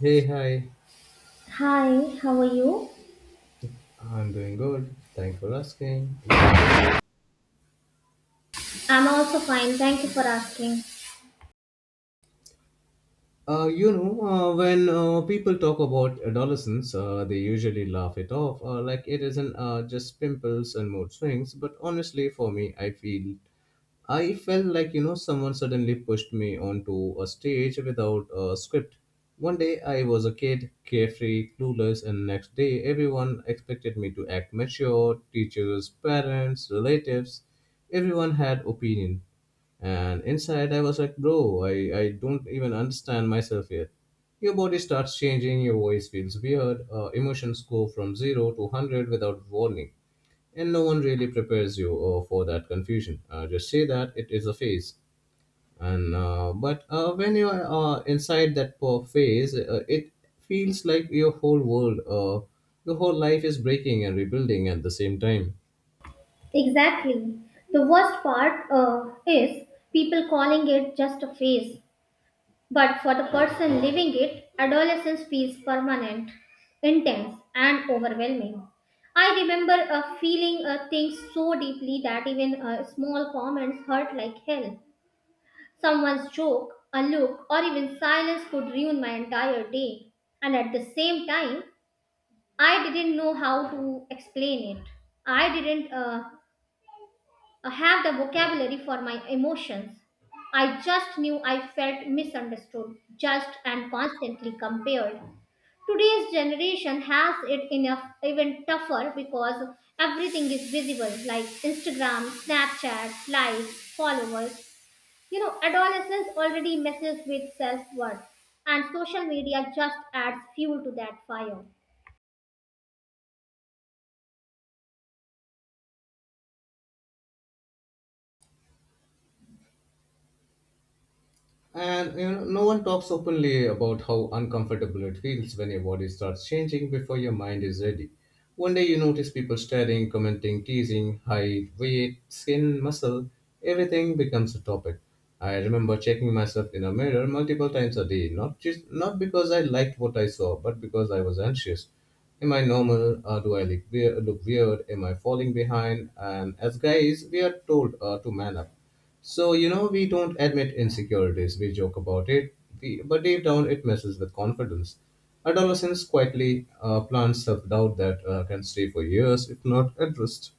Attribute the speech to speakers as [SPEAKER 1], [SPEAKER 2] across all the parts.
[SPEAKER 1] Hey, hi.
[SPEAKER 2] Hi, how are you?
[SPEAKER 1] I'm doing good. Thanks for asking. What about you?
[SPEAKER 2] I'm also fine. Thank you for asking.
[SPEAKER 1] When people talk about adolescence, they usually laugh it off, like it isn't just pimples and mood swings. But honestly, for me, I felt like someone suddenly pushed me onto a stage without a script. One day I was a kid, carefree, clueless, and next day everyone expected me to act mature, teachers, parents, relatives, everyone had opinion. And inside I was like, bro, I don't even understand myself yet. Your body starts changing, your voice feels weird, emotions go from 0 to 100 without warning, and no one really prepares you for that confusion. Just say that it is a phase, and but when you are inside that phase, it feels like your whole life is breaking and rebuilding at the same time.
[SPEAKER 2] Exactly. The worst part is people calling it just a phase, but for the person living it, adolescence feels permanent, intense, and overwhelming. I remember feeling things so deeply that even small comments hurt like hell. Someone's joke, a look, or even silence could ruin my entire day. And at the same time, I didn't know how to explain it. I didn't have the vocabulary for my emotions. I just knew I felt misunderstood, judged, and constantly compared. Today's generation has it in a even tougher because everything is visible like Instagram, Snapchat, likes, followers. You know, adolescents already messes with self worth, and social media just adds fuel to that fire.
[SPEAKER 1] No one talks openly about how uncomfortable it feels when your body starts changing before your mind is ready. One day you notice people staring, commenting, teasing, height, weight, skin, muscle, everything becomes a topic. I remember checking myself in a mirror multiple times a day, not because I liked what I saw, but because I was anxious. Am I normal? Do I look weird? Am I falling behind? And as guys, we are told to man up so, we don't admit insecurities, we joke about it, but deep down it messes with confidence. Adolescence quietly plants self doubt that can stay for years if not addressed.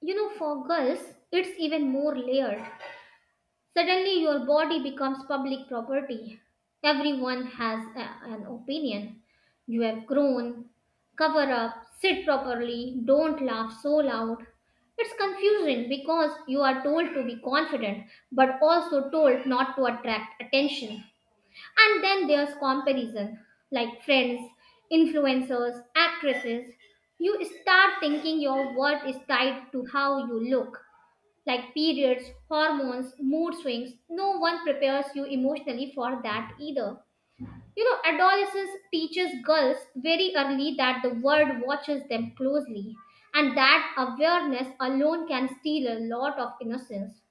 [SPEAKER 2] You know, for girls, it's even more layered. Suddenly, your body becomes public property. Everyone has an opinion. You have grown. Cover up, sit properly, don't laugh so loud. It's confusing because you are told to be confident but also told not to attract attention. And then there's comparison, like friends, influencers, actresses. You start thinking your worth is tied to how you look like periods, hormones, mood swings. No one prepares you emotionally for that either. You know, adolescence teaches girls very early that the world watches them closely, and that awareness alone can steal a lot of innocence.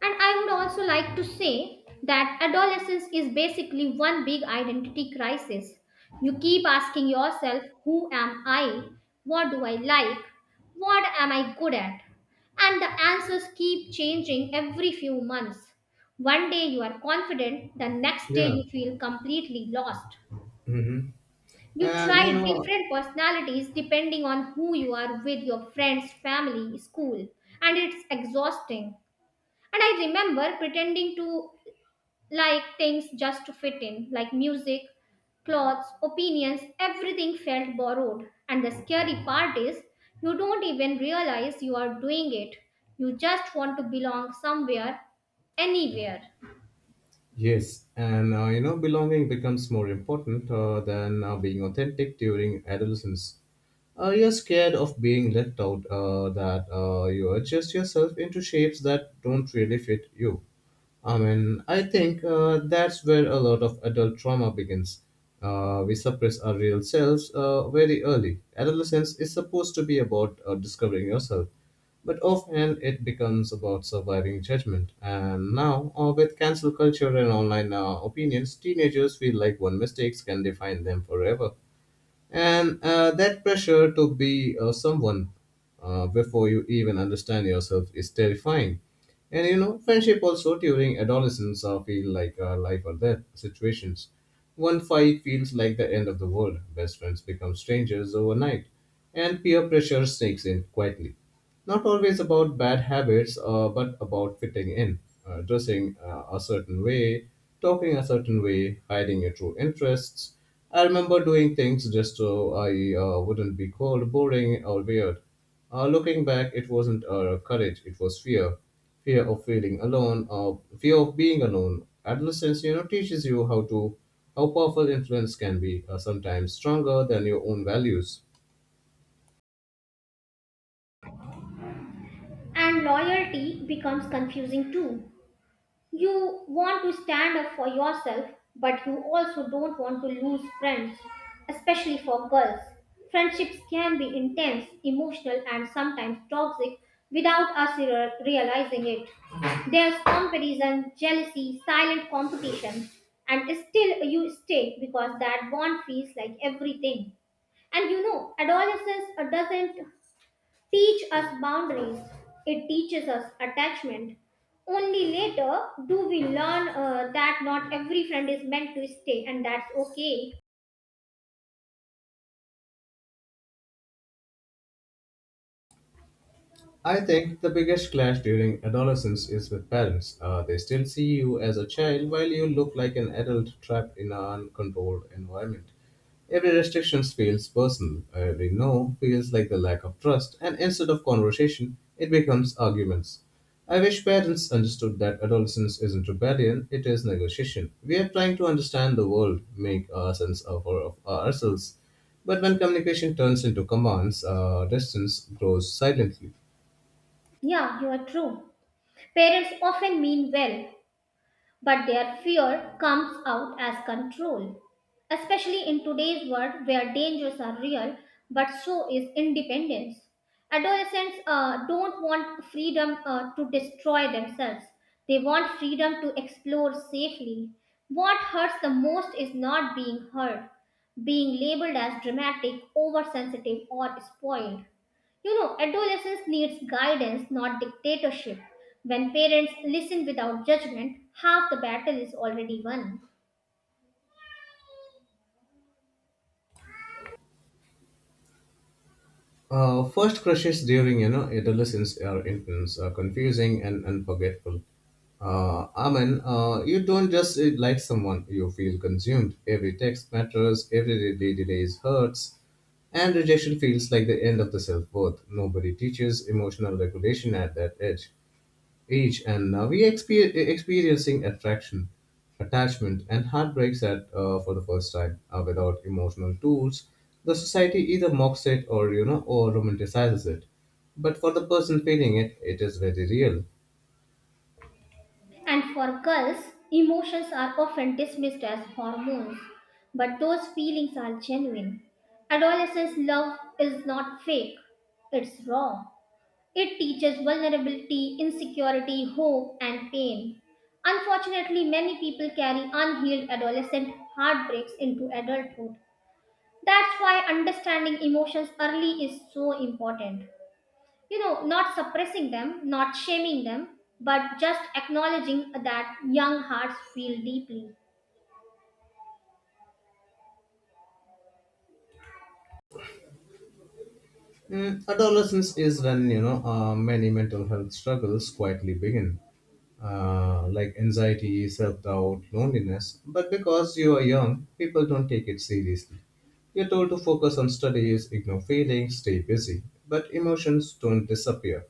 [SPEAKER 2] And I would also like to say that adolescence is basically one big identity crisis. You keep asking yourself, who am I? What do I like? What am I good at? And the answers keep changing every few months. One day you are confident, the next day
[SPEAKER 1] Yeah.
[SPEAKER 2] you feel completely lost.
[SPEAKER 1] Hmm.
[SPEAKER 2] You
[SPEAKER 1] And, you
[SPEAKER 2] try
[SPEAKER 1] know,
[SPEAKER 2] different personalities depending on who you are with your friends, family, school, and it's exhausting. And I remember pretending to like things just to fit in, like music, clothes, opinions, everything felt borrowed. And the scary part is, you don't even realize you are doing it. You just want to belong somewhere, anywhere.
[SPEAKER 1] yes, belonging becomes more important than being authentic during adolescence. You're scared of being left out, that you adjust yourself into shapes that don't really fit you. I mean, I think that's where a lot of adult trauma begins. We suppress our real selves very early. Adolescence is supposed to be about discovering yourself, but often it becomes about surviving judgment. And now, with cancel culture and online opinions, teenagers feel like one mistake can define them forever. And that pressure to be someone before you even understand yourself is terrifying. And friendship also during adolescence are feel like life or death situations. One fight feels like the end of the world. Best friends become strangers overnight, and peer pressure sneaks in quietly. Not always about bad habits, but about fitting in, dressing a certain way, talking a certain way, hiding your true interests. I remember doing things just so I wouldn't be called boring or weird. Looking back, it wasn't courage, it was fear. Fear of feeling alone, fear of being alone. Adolescence, you know, teaches you how powerful influence can be, sometimes stronger than your own values.
[SPEAKER 2] And loyalty becomes confusing too. You want to stand up for yourself, but you also don't want to lose friends, especially for girls. Friendships can be intense, emotional, and sometimes toxic without realizing it. There's comparison, jealousy, silent competition, and still you stay because that bond feels like everything. And you know, adolescence doesn't teach us boundaries, it teaches us attachment. Only later do we learn that not every friend is meant to stay, and that's okay.
[SPEAKER 1] I think the biggest clash during adolescence is with parents. They still see you as a child while you look like an adult trapped in an uncontrolled environment. Every restriction feels personal, every no feels like the lack of trust, and instead of conversation, it becomes arguments. I wish parents understood that adolescence isn't rebellion, it is negotiation. We are trying to understand the world, make a sense of ourselves. But when communication turns into commands, distance grows silently.
[SPEAKER 2] Yeah, you are true. Parents often mean well, but their fear comes out as control, especially in today's world where dangers are real, but so is independence. Adolescents don't want freedom to destroy themselves, they want freedom to explore safely. What hurts the most is not being heard, being labeled as dramatic, oversensitive, or spoiled. You know, adolescence needs guidance, not dictatorship. When parents listen without judgment, half the battle is already won.
[SPEAKER 1] First crushes during adolescence are intense, confusing, and unforgettable. Amen. You don't just like someone; you feel consumed. Every text matters. Every delay delays hurts, and rejection feels like the end of the self worth. Nobody teaches emotional regulation at that age, and we experiencing attraction, attachment, and heartbreaks for the first time without emotional tools. The society either mocks it or you know or romanticizes it, but for the person feeling it, it is very real.
[SPEAKER 2] And for girls, emotions are often dismissed as hormones, but those feelings are genuine. Adolescence love is not fake, it's raw. It teaches vulnerability, insecurity, hope, and pain. Unfortunately, many people carry unhealed adolescent heartbreaks into adulthood. That's why understanding emotions early is so important. You know, not suppressing them, not shaming them, but just acknowledging that young hearts feel deeply.
[SPEAKER 1] Adolescence is when many mental health struggles quietly begin, like anxiety, self-doubt, loneliness. But because you are young, people don't take it seriously. You're told to focus on studies, ignore feelings, stay busy. But emotions don't disappear;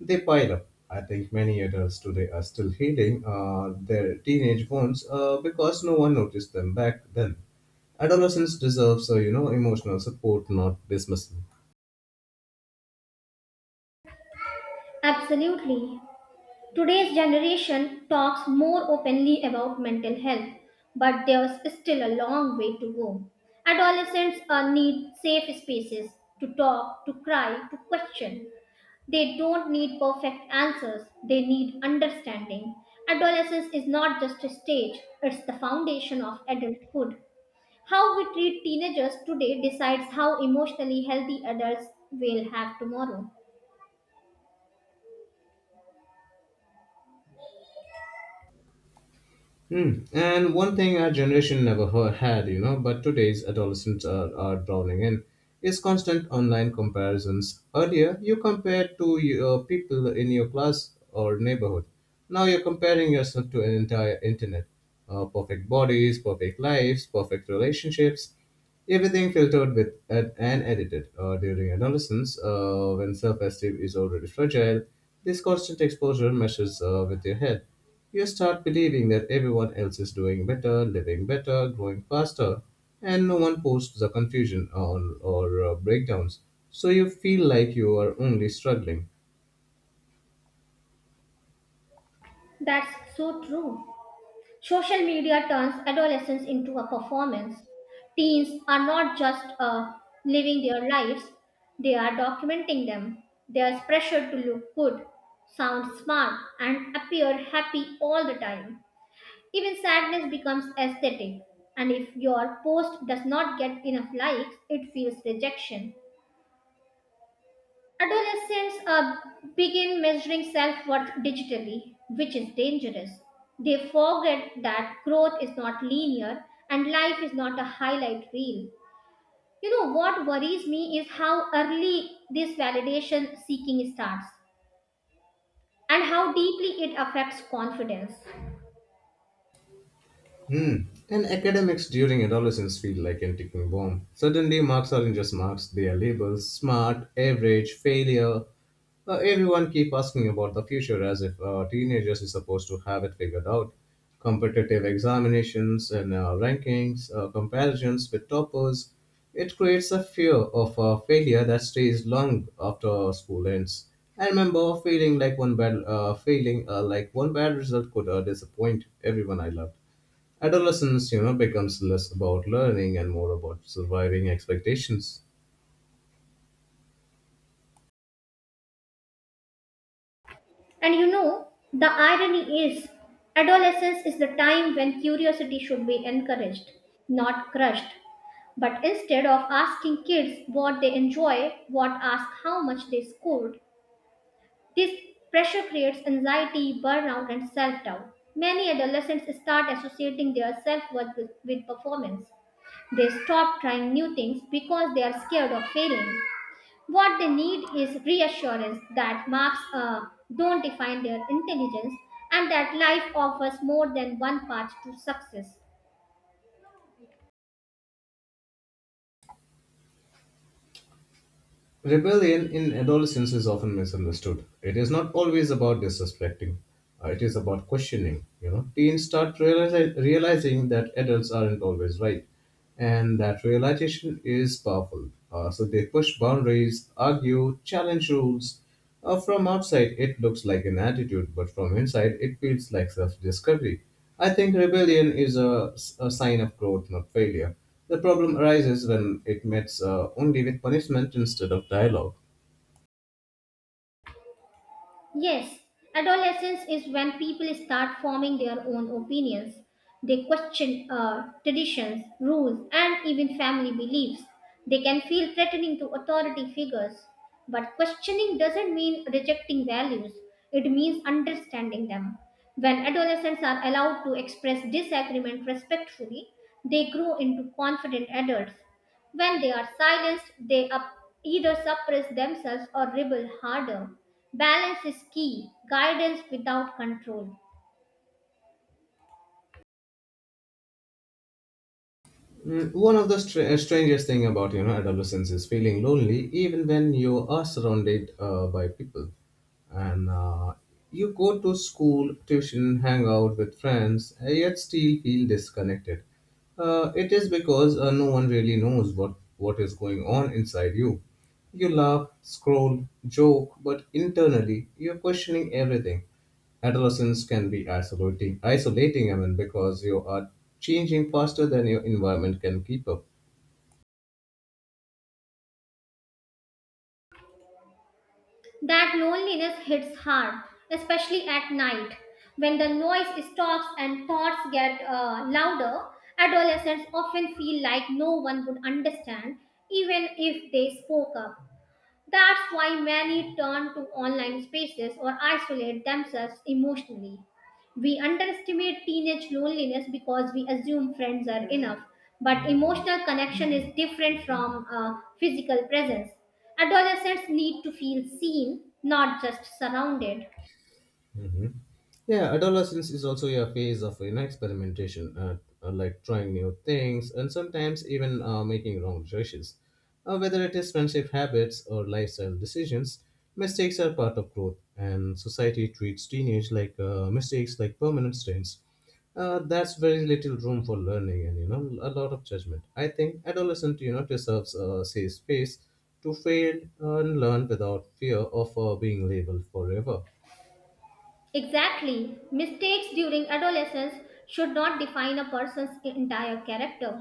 [SPEAKER 1] they pile up. I think many adults today are still healing their teenage wounds because no one noticed them back then. Adolescence deserves, emotional support, not dismissal.
[SPEAKER 2] Absolutely. Today's generation talks more openly about mental health, but there's still a long way to go. Adolescents need safe spaces to talk, to cry, to question. They don't need perfect answers, they need understanding. Adolescence is not just a stage, it's the foundation of adulthood. How we treat teenagers today decides how emotionally healthy adults will have tomorrow.
[SPEAKER 1] Hmm. And one thing our generation never had, but today's adolescents are drowning in is constant online comparisons. Earlier, you compared to your people in your class or neighborhood. Now you're comparing yourself to an entire internet. Perfect bodies, perfect lives, perfect relationships. Everything filtered with and edited. During adolescence, when self esteem is already fragile, this constant exposure meshes with your head. You start believing that everyone else is doing better, living better, growing faster, and no one posts the confusion or breakdowns. So you feel like you are only struggling.
[SPEAKER 2] That's so true. Social media turns adolescence into a performance. Teens are not just living their lives, they are documenting them. There is pressure to look good, sound smart, and appear happy all the time. Even sadness becomes aesthetic, and if your post does not get enough likes, it feels rejection. Adolescents begin measuring self worth digitally, which is dangerous. They forget that growth is not linear and life is not a highlight reel. You know what worries me is how early this validation seeking starts and how deeply it affects confidence.
[SPEAKER 1] Hmm. And academics during adolescence feel like an ticking bomb. Suddenly, marks aren't just marks, they are labels smart, average, failure. Everyone keep asking about the future as if teenagers is supposed to have it figured out. Competitive examinations and rankings, comparisons with toppers, it creates a fear of failure that stays long after school ends. I remember feeling like one bad, feeling like one bad result could disappoint everyone I loved. Adolescence, you know, becomes less about learning and more about surviving expectations.
[SPEAKER 2] And you know, the irony is, adolescence is the time when curiosity should be encouraged, not crushed. But instead of asking kids what they enjoy, what ask how much they scored, this pressure creates anxiety, burnout, and self doubt. Many adolescents start associating their self worth with performance. They stop trying new things because they are scared of failing. What they need is reassurance that marks don't define their intelligence and that life offers more than one path to success.
[SPEAKER 1] Rebellion in adolescence is often misunderstood. It is not always about disrespecting, it is about questioning. You know, teens start realizing that adults aren't always right, and that realization is powerful. So they push boundaries, argue, challenge rules. From outside, it looks like an attitude, but from inside, it feels like self discovery. I think rebellion is a sign of growth, not failure. The problem arises when it meets only with punishment instead of dialogue.
[SPEAKER 2] Yes, adolescence is when people start forming their own opinions. They question traditions, rules, and even family beliefs. They can feel threatening to authority figures. But questioning doesn't mean rejecting values, it means understanding them. When adolescents are allowed to express disagreement respectfully, they grow into confident adults when they are silenced, they up, either suppress themselves or rebel harder. Balance is key, guidance without control.
[SPEAKER 1] One of the strangest thing about adolescence is feeling lonely, even when you are surrounded by people, and you go to school, tuition, hang out with friends, yet still feel disconnected. It is because no one really knows what is going on inside you. You laugh, scroll, joke, but internally you're questioning everything. Adolescence can be isolating, I mean, because you are changing faster than your environment can keep up.
[SPEAKER 2] That loneliness hits hard, especially at night. When the noise stops and thoughts get louder, adolescents often feel like no one would understand, even if they spoke up. That's why many turn to online spaces or isolate themselves emotionally. We underestimate teenage loneliness because we assume friends are enough, but emotional connection is different from physical presence. Adolescents need to feel seen, not just surrounded.
[SPEAKER 1] Hmm. Yeah, adolescence is also a phase of experimentation, like trying new things and sometimes even making wrong choices. Whether it is friendship habits or lifestyle decisions, mistakes are part of growth, and society treats teenage like mistakes like permanent stains. That's very little room for learning and a lot of judgment. I think adolescent deserves a safe space to fail and learn without fear of being labeled forever.
[SPEAKER 2] Exactly. Mistakes during adolescence should not define a person's entire character.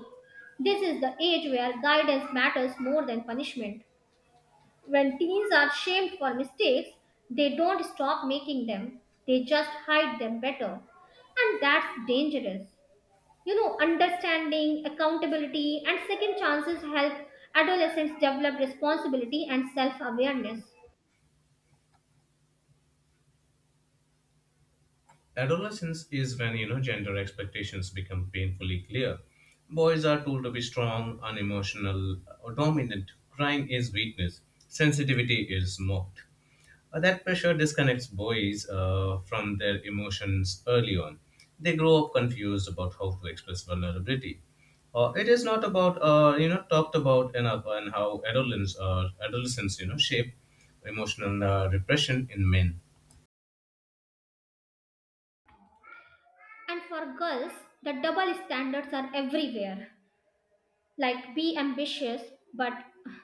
[SPEAKER 2] This is the age where guidance matters more than punishment. When teens are shamed for mistakes, they don't stop making them, they just hide them better. And that's dangerous. You know, understanding, accountability, and second chances help adolescents develop responsibility and self awareness.
[SPEAKER 1] Adolescence is when gender expectations become painfully clear. Boys are told to be strong, unemotional, or dominant. Crying is weakness. Sensitivity is mocked. That pressure disconnects boys from their emotions early on. They grow up confused about how to express vulnerability. It is not about talked about enough and how adolescents shape emotional repression in men.
[SPEAKER 2] And for girls, the double standards are everywhere. Like be ambitious but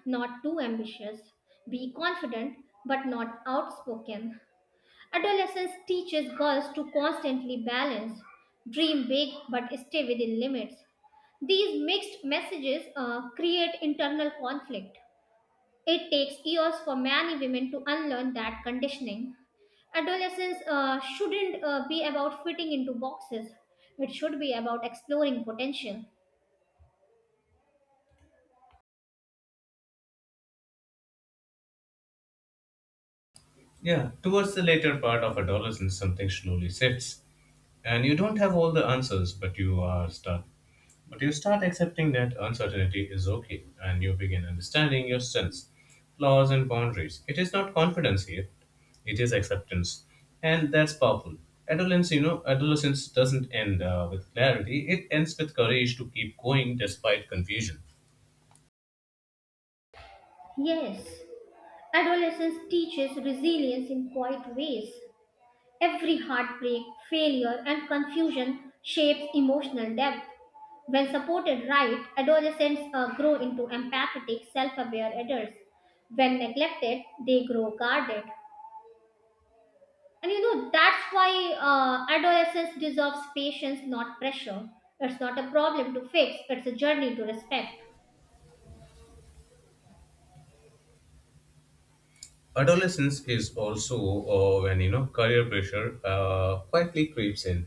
[SPEAKER 2] not too ambitious. Be confident but not outspoken. Adolescence teaches girls to constantly balance, dream big but stay within limits. These mixed messages create internal conflict. It takes years for many women to unlearn that conditioning. Adolescence shouldn't be about fitting into boxes, it should be about exploring potential.
[SPEAKER 1] Yeah, towards the later part of adolescence, something slowly shifts, and you don't have all the answers, but you start accepting that uncertainty is okay, and you begin understanding your strengths, flaws, and boundaries. It is not confidence here; it is acceptance, and that's powerful. Adolescence doesn't end with clarity; it ends with courage to keep going despite confusion.
[SPEAKER 2] Yes, adolescence teaches resilience in quiet ways. Every heartbreak, failure, and confusion shapes emotional depth. When supported right, adolescents grow into empathetic, self aware adults. When neglected, they grow guarded. And you know, that's why adolescence deserves patience, not pressure. It's not a problem to fix, it's a journey to respect.
[SPEAKER 1] Adolescence is also when career pressure quietly creeps in.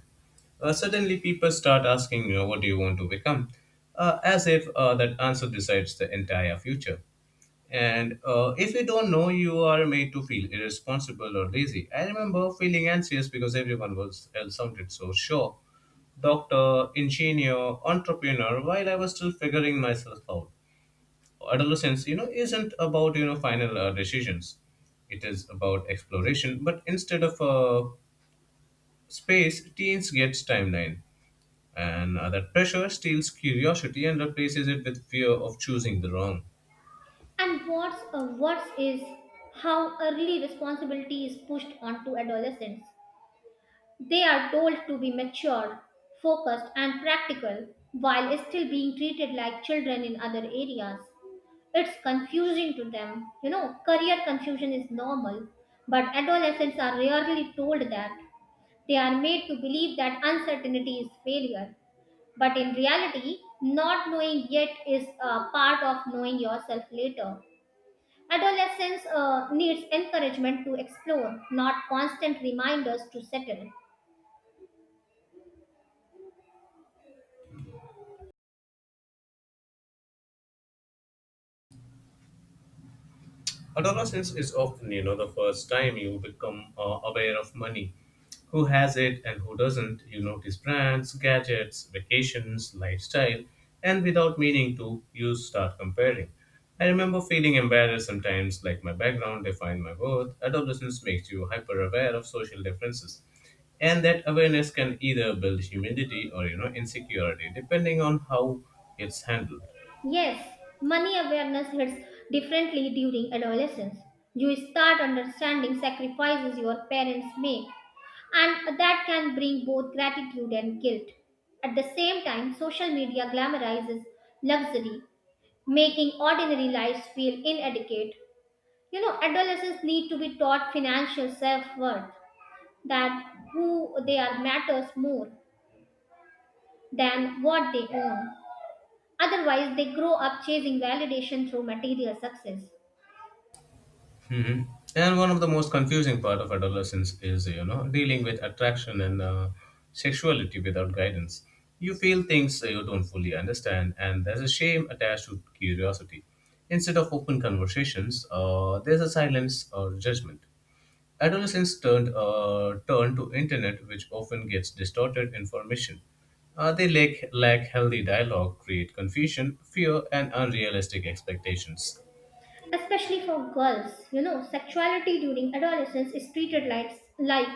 [SPEAKER 1] Suddenly people start asking, what do you want to become, as if that answer decides the entire future. And if you don't know, you are made to feel irresponsible or lazy. I remember feeling anxious because everyone was else sounded so sure: doctor, engineer, entrepreneur, while I was still figuring myself out. Adolescence, isn't about, final decisions. It is about exploration, but instead of a space, teens gets timeline. And that pressure steals curiosity and replaces it with fear of choosing the wrong.
[SPEAKER 2] And what's worse is how early responsibility is pushed onto adolescents. They are told to be mature, focused, and practical while still being treated like children in other areas. It's confusing to them. You know, career confusion is normal, but adolescents are rarely told that. They are made to believe that uncertainty is failure, but in reality, not knowing yet is a part of knowing yourself later. Adolescence needs encouragement to explore, not constant reminders to settle.
[SPEAKER 1] Adolescence is often, you know, the first time you become aware of money. Who has it and who doesn't? You notice brands, gadgets, vacations, lifestyle, and without meaning to, you start comparing. I remember feeling embarrassed sometimes, like my background defined my worth. Adolescence makes you hyper aware of social differences. And that awareness can either build humility or, insecurity, depending on how it's handled.
[SPEAKER 2] Yes, money awareness hits differently during adolescence. You start understanding sacrifices your parents make, and that can bring both gratitude and guilt. At the same time, social media glamorizes luxury, making ordinary lives feel inadequate. You know, adolescents need to be taught financial self worth, that who they are matters more than what they own. Otherwise, they grow up chasing validation through material success.
[SPEAKER 1] Hmm. And one of the most confusing part of adolescence is, dealing with attraction and sexuality without guidance. You feel things you don't fully understand, and there's a shame attached to curiosity. Instead of open conversations, there's a silence or judgment. Adolescents turn to internet, which often gets distorted information. They lack healthy dialogue, create confusion, fear, and unrealistic expectations.
[SPEAKER 2] Especially for girls. You know, sexuality during adolescence is treated like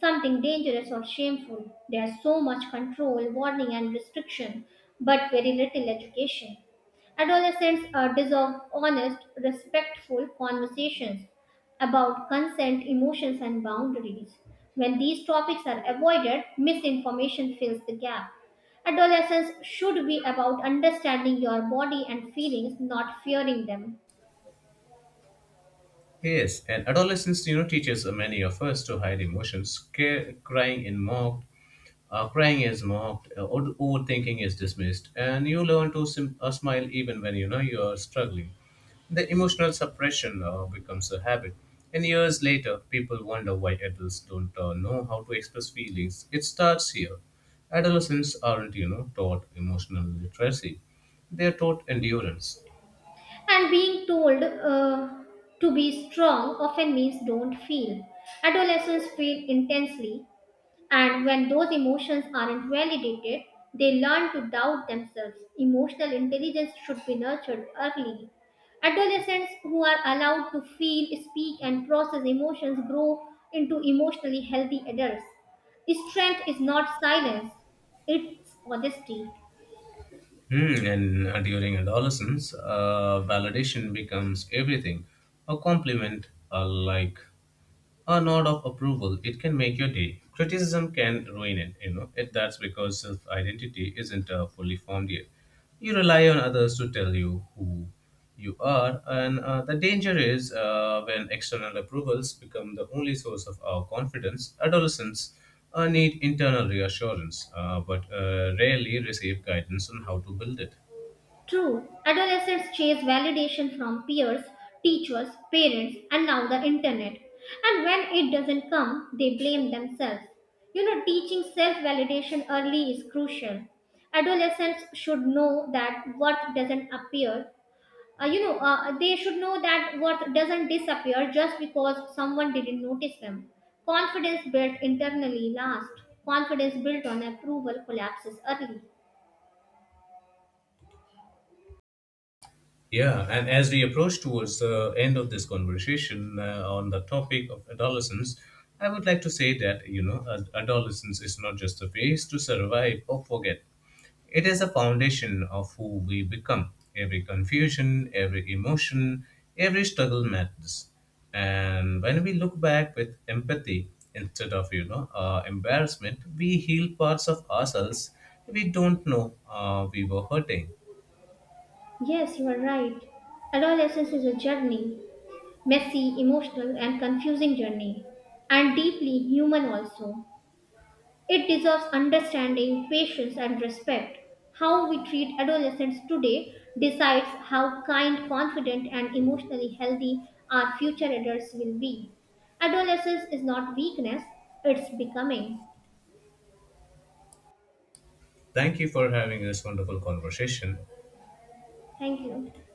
[SPEAKER 2] something dangerous or shameful. There's so much control, warning, and restriction, but very little education. Adolescents are deserve honest, respectful conversations about consent, emotions, and boundaries. When these topics are avoided, misinformation fills the gap. Adolescence should be about understanding your body and feelings, not fearing them.
[SPEAKER 1] Yes, and adolescence, teaches many of us to hide emotions. Care, crying in mocked, crying is mocked, overthinking is dismissed, and you learn to smile even when you know you are struggling. The emotional suppression becomes a habit, and years later, people wonder why adults don't know how to express feelings. It starts here. Adolescents aren't, taught emotional literacy; they are taught endurance.
[SPEAKER 2] And being told to be strong often means don't feel. Adolescents feel intensely, and when those emotions aren't validated, they learn to doubt themselves. Emotional intelligence should be nurtured early. Adolescents who are allowed to feel, speak, and process emotions grow into emotionally healthy adults. Strength is not silence, it's honesty.
[SPEAKER 1] And during adolescence, validation becomes everything. A compliment, a like, a nod of approval, it can make your day. Criticism can ruin it. That's because self identity isn't fully formed yet. You rely on others to tell you who you are, and the danger is when external approvals become the only source of our confidence. Adolescents need internal reassurance, but rarely receive guidance on how to build it.
[SPEAKER 2] True, adolescents chase validation from peers, teachers, parents, and now the internet. And when it doesn't come, they blame themselves. You know, teaching self validation early is crucial. Adolescents should know that worth doesn't appear. They should know that worth doesn't disappear just because someone didn't notice them. Confidence built internally lasts. Confidence built on approval collapses early.
[SPEAKER 1] Yeah, and as we approach towards the end of this conversation on the topic of adolescence, I would like to say that, adolescence is not just a phase to survive or forget. It is a foundation of who we become. Every confusion, every emotion, every struggle matters. And when we look back with empathy instead of, embarrassment, we heal parts of ourselves we don't know we were hurting.
[SPEAKER 2] Yes, you are right. Adolescence is a journey, messy, emotional, and confusing journey, and deeply human also. It deserves understanding, patience, and respect. How we treat adolescents today decides how kind, confident, and emotionally healthy our future adults will be. Adolescence is not weakness, it's becoming.
[SPEAKER 1] Thank you for having this wonderful conversation.
[SPEAKER 2] Thank you.